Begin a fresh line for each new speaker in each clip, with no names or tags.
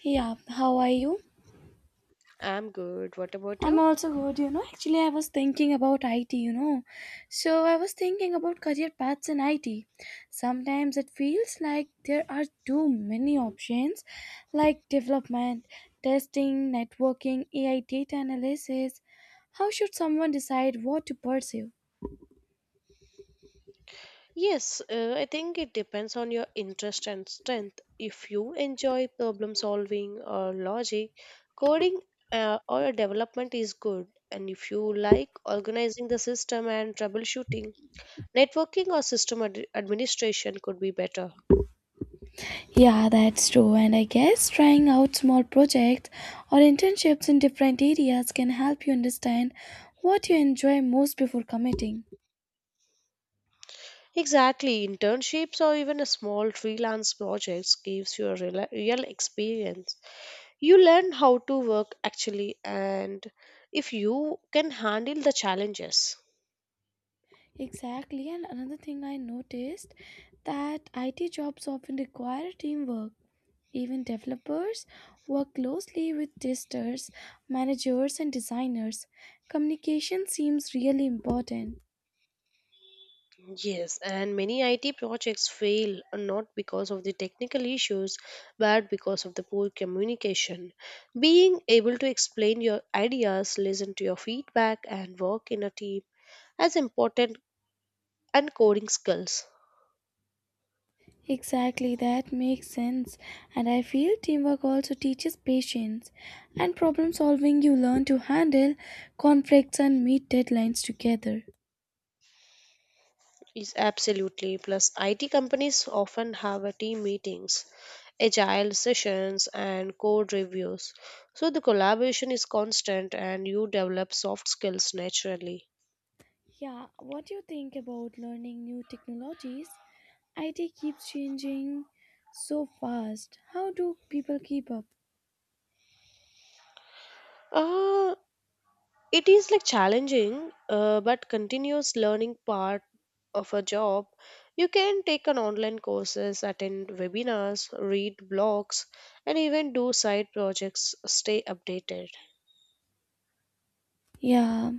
Yeah, how are you?
I'm good. What about
I'm
you?
also good, you know. Actually, I was thinking about IT, you know. So, I was thinking about career paths in IT. Sometimes it feels like there are too many options like development, testing, networking, AI data analysis. How should someone decide what to pursue?
Yes, I think it depends on your interest and strength. If you enjoy problem solving or logic, coding or development is good. And if you like organizing the system and troubleshooting, networking or system administration could be better.
Yeah, that's true. And I guess trying out small projects or internships in different areas can help you understand what you enjoy most before committing.
Exactly, internships or even a small freelance projects gives you a real experience, you learn how to work actually, and if you can handle the challenges.
Exactly, and another thing I noticed that IT jobs often require teamwork. Even developers work closely with testers, managers, and designers. Communication seems really important.
Yes, and many IT projects fail, not because of the technical issues but because of the poor communication. Being able to explain your ideas, listen to your feedback, and work in a team as important and coding skills.
Exactly, that makes sense. And I feel teamwork also teaches patience and problem solving. You learn to handle conflicts and meet deadlines together.
Is absolutely. Plus, IT companies often have a team meetings, agile sessions, and code reviews. So the collaboration is constant, and you develop soft skills naturally.
Yeah, what do you think about learning new technologies? IT keeps changing so fast. How do people keep up?
Uh, it is like challenging, but continuous learning part of a job. You can take an online courses, attend webinars, read blogs, and even do side projects. Stay updated.
Yeah,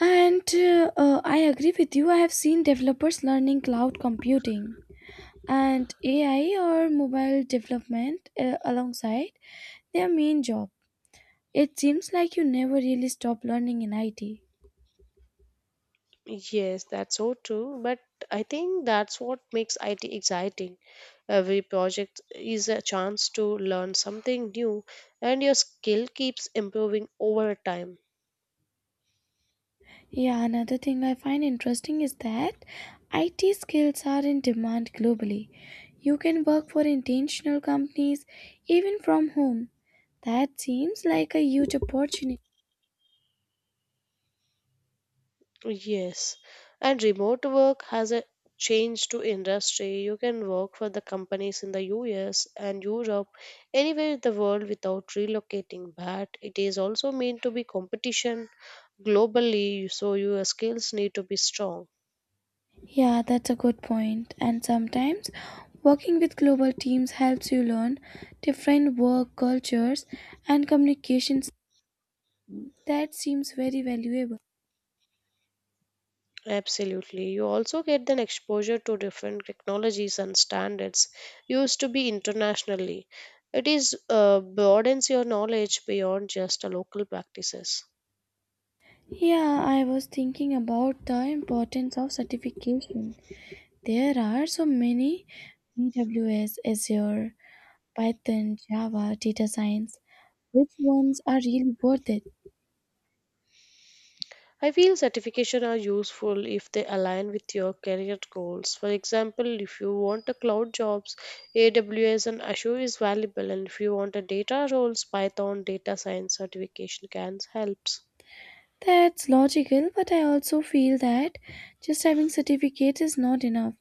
and I agree with you. I have seen developers learning cloud computing and AI or mobile development alongside their main job. It seems like you never really stop learning in IT.
Yes, that's so true. But I think that's what makes IT exciting. Every project is a chance to learn something new, and your skill keeps improving over time.
Yeah, another thing I find interesting is that IT skills are in demand globally. You can work for intentional companies even from home. That seems like a huge opportunity.
Yes. And remote work has a change to industry. You can work for the companies in the US and Europe, anywhere in the world without relocating. But it is also meant to be competition globally, so your skills need to be strong.
Yeah, that's a good point. And sometimes working with global teams helps you learn different work cultures and communications. That seems very valuable.
Absolutely. You also get an exposure to different technologies and standards used to be internationally. It is, broadens your knowledge beyond just a local practices.
Yeah, I was thinking about the importance of certification. There are so many AWS, Azure, Python, Java, data science. Which ones are really worth it?
I feel certification are useful if they align with your career goals. For example, if you want a cloud jobs, AWS and Azure is valuable, and if you want a data roles, Python data science certification can helps.
That's logical, but I also feel that just having certificates is not enough.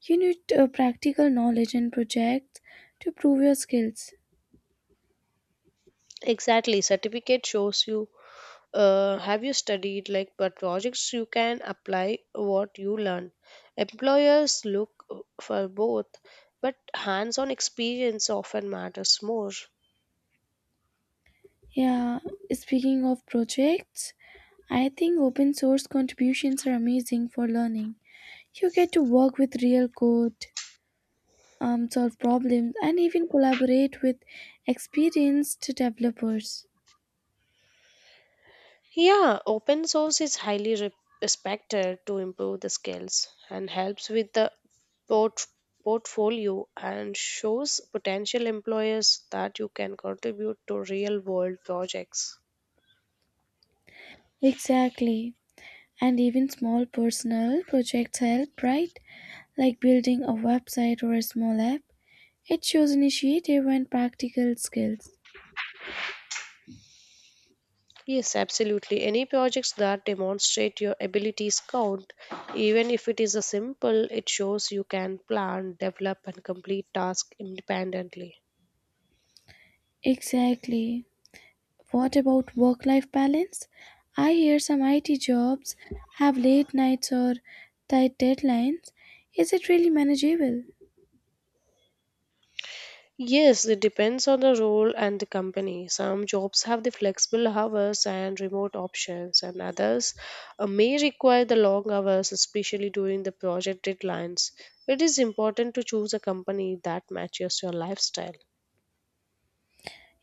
You need practical knowledge and projects to prove your skills.
Exactly, certificate shows you, have you studied like, but projects you can apply what you learn. Employers look, for both, but hands-on experience often matters more.
Yeah, speaking of projects, I think open source contributions are amazing for learning. You get to work with real code, solve problems, and even collaborate with experienced developers.
Yeah, open source is highly respected to improve the skills and helps with the port- portfolio and shows potential employers that you can contribute to real world projects.
Exactly. And even small personal projects help, right? Like building a website or a small app. It shows initiative and practical skills.
Yes, absolutely. Any projects that demonstrate your abilities count, even if it is a simple, it shows you can plan, develop, and complete tasks independently.
Exactly. What about work life balance? I hear some IT jobs have late nights or tight deadlines. Is it really manageable?
Yes, it depends on the role and the company. Some jobs have the flexible hours and remote options, and others, may require the long hours, especially during the project deadlines. It is important to choose a company that matches your lifestyle.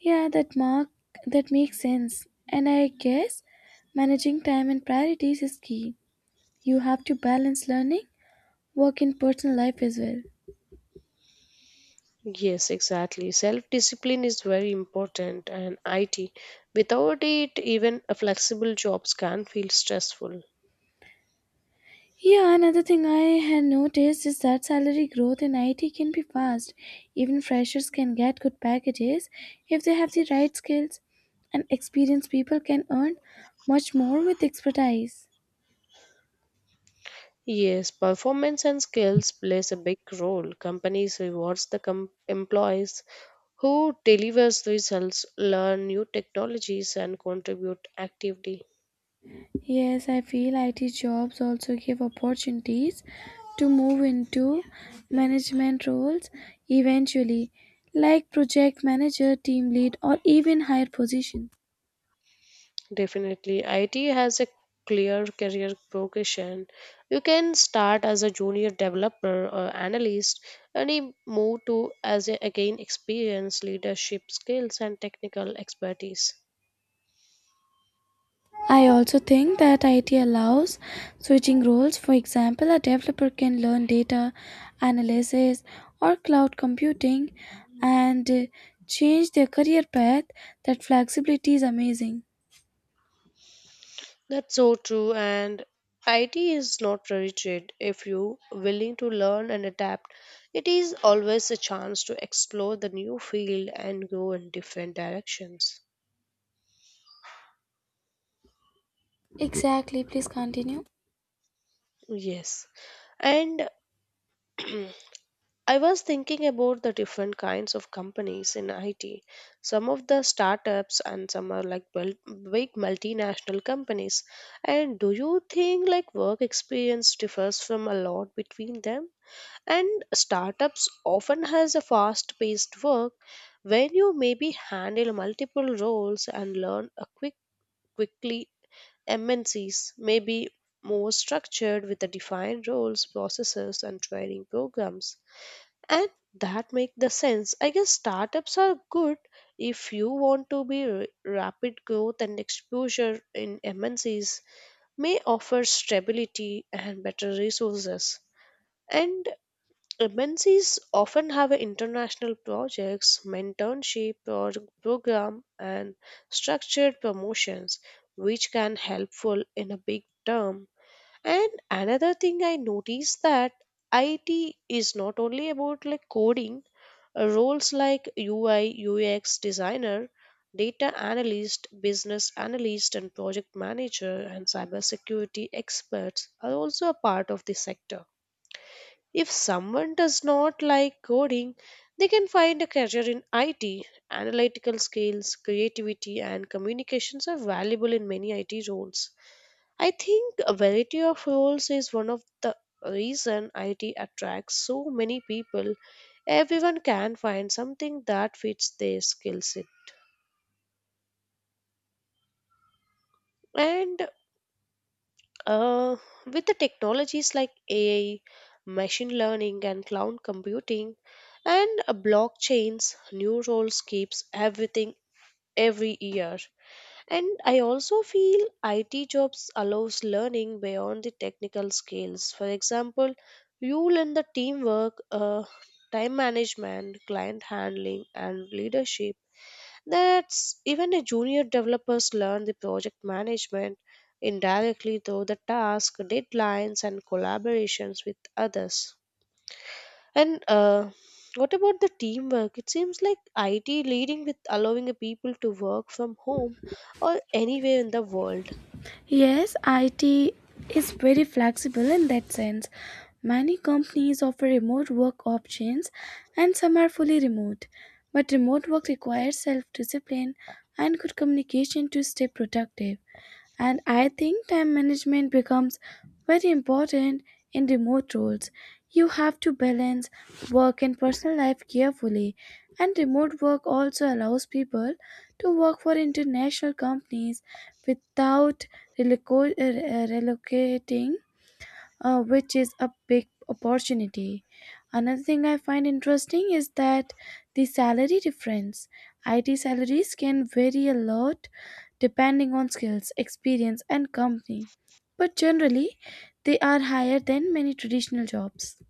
Yeah, that makes sense. And I guess managing time and priorities is key. You have to balance learning, work and personal life as well.
Yes, exactly. Self discipline is very important, and IT. Without it, even a flexible jobs can feel stressful.
Yeah, another thing I had noticed is that salary growth in IT can be fast. Even freshers can get good packages if they have the right skills, and experienced people can earn much more with expertise.
Yes, performance and skills plays a big role. Companies rewards the employees who delivers results, learn new technologies, and contribute actively.
Yes, I feel IT jobs also give opportunities to move into management roles eventually, like project manager, team lead, or even higher position.
Definitely. IT has a clear career progression. You can start as a junior developer or analyst and you move to as a, again experience, leadership skills and technical expertise.
I also think that IT allows switching roles. For example, a developer can learn data analysis or cloud computing and change their career path. That flexibility is amazing.
That's so true, and IT is not rigid if you willing to learn and adapt. It is always a chance to explore the new field and go in different directions.
Exactly, please continue.
Yes. And I was thinking about the different kinds of companies in IT. Some of the startups and some are like big multinational companies. And do you think like work experience differs from a lot between them? And startups often has a fast-paced work where you maybe handle multiple roles and learn a quickly. MNCs may be more structured with the defined roles, processes, and training programs, and that make the sense. I guess startups are good if you want to be rapid growth and exposure in MNCs may offer stability and better resources. And MNCs often have a international projects, mentorship or program and structured promotions which can helpful in a big term. And another thing I noticed that IT is not only about like coding, Roles like UI, UX designer, data analyst, business analyst, and project manager and cybersecurity experts are also a part of the sector. If someone does not like coding, they can find a career in IT. Analytical skills, creativity, and communications are valuable in many IT roles. I think a variety of roles is one of the reason IT attracts so many people. Everyone can find something that fits their skill set. And uh, with the technologies like AI, machine learning, and cloud computing, and blockchains, new roles keeps everything every year. And I also feel IT jobs allows learning beyond the technical skills. For example, you learn the teamwork, time management, client handling, and leadership. That's even a junior developers learn the project management indirectly through the task, deadlines, and collaborations with others. And what about the teamwork? It seems like IT leading with allowing the people to work from home or anywhere in the world.
Yes, IT is very flexible in that sense. Many companies offer remote work options and some are fully remote. But remote work requires self discipline and good communication to stay productive. And I think time management becomes very important in remote roles. You have to balance work and personal life carefully, and remote work also allows people to work for international companies without relocating, which is a big opportunity. Another thing I find interesting is that the salary difference. IT salaries can vary a lot depending on skills, experience, and company, but generally, they are higher than many traditional jobs.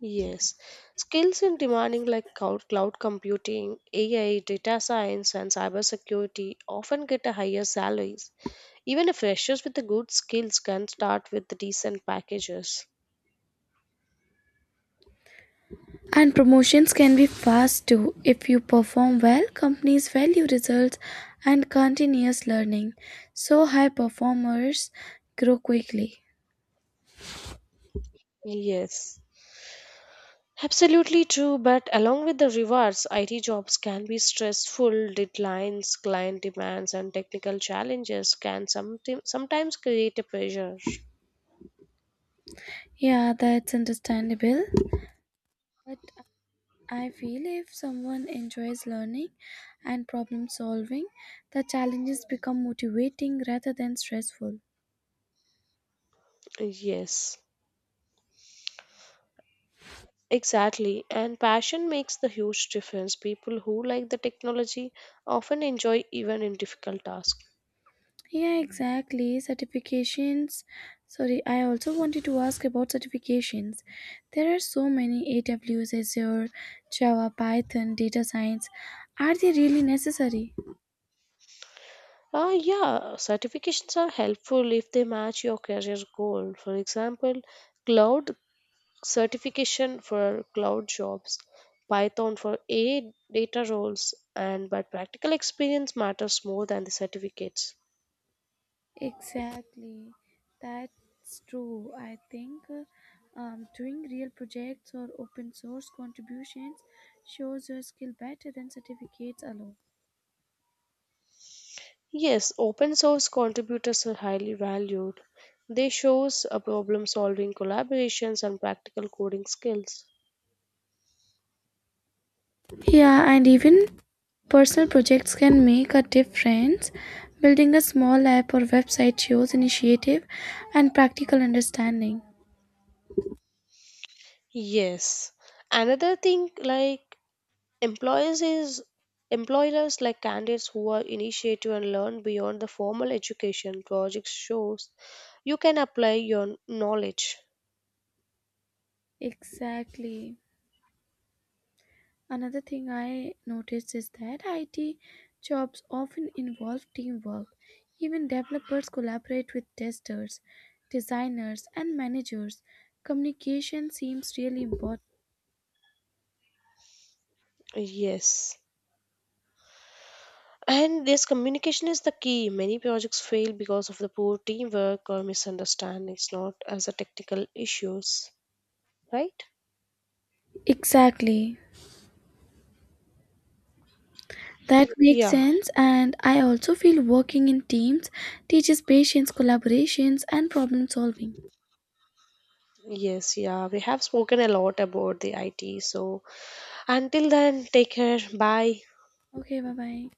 Yes, skills in demanding like cloud computing, AI, data science, and cybersecurity often get a higher salaries. Even if freshers with the good skills can start with the decent packages.
And promotions can be fast too. If you perform well, companies value results and continuous learning. So, high performers grow quickly.
Yes. Absolutely true, but along with the rewards, IT jobs can be stressful. Deadlines, client demands, and technical challenges can sometimes create a pressure.
Yeah, that's understandable. But I feel if someone enjoys learning and problem solving, the challenges become motivating rather than stressful.
Yes, exactly. And passion makes the huge difference. People who like the technology often enjoy even in difficult tasks.
Yeah, exactly. Certifications. Sorry, I also wanted to ask about certifications. There are so many AWS, Azure, Java, Python, data science. Are they really necessary?
Yeah, certifications are helpful if they match your career goal. For example, cloud certification for cloud jobs, Python for AI data roles, and but practical experience matters more than the certificates.
Exactly, that's true. I think doing real projects or open source contributions shows your skill better than certificates alone.
Yes, open source contributors are highly valued. They shows a problem solving collaborations and practical coding skills.
Yeah, and even personal projects can make a difference. Building a small app or website shows initiative and practical understanding.
Yes. Another thing like employers is employers like candidates who are initiative and learn beyond the formal education projects shows you can apply your knowledge.
Exactly. Another thing I noticed is that IT jobs often involve teamwork. Even developers collaborate with testers, designers, and managers. Communication seems really important.
Yes. And this communication is the key. Many projects fail because of the poor teamwork or misunderstandings, not as a technical issues, right?
Exactly. That makes
Yeah,
sense, and I also feel working in teams teaches patience, collaborations, and problem solving.
yes, yeah. We have spoken a lot about the IT. So until then, take care. Bye.
Okay, bye bye.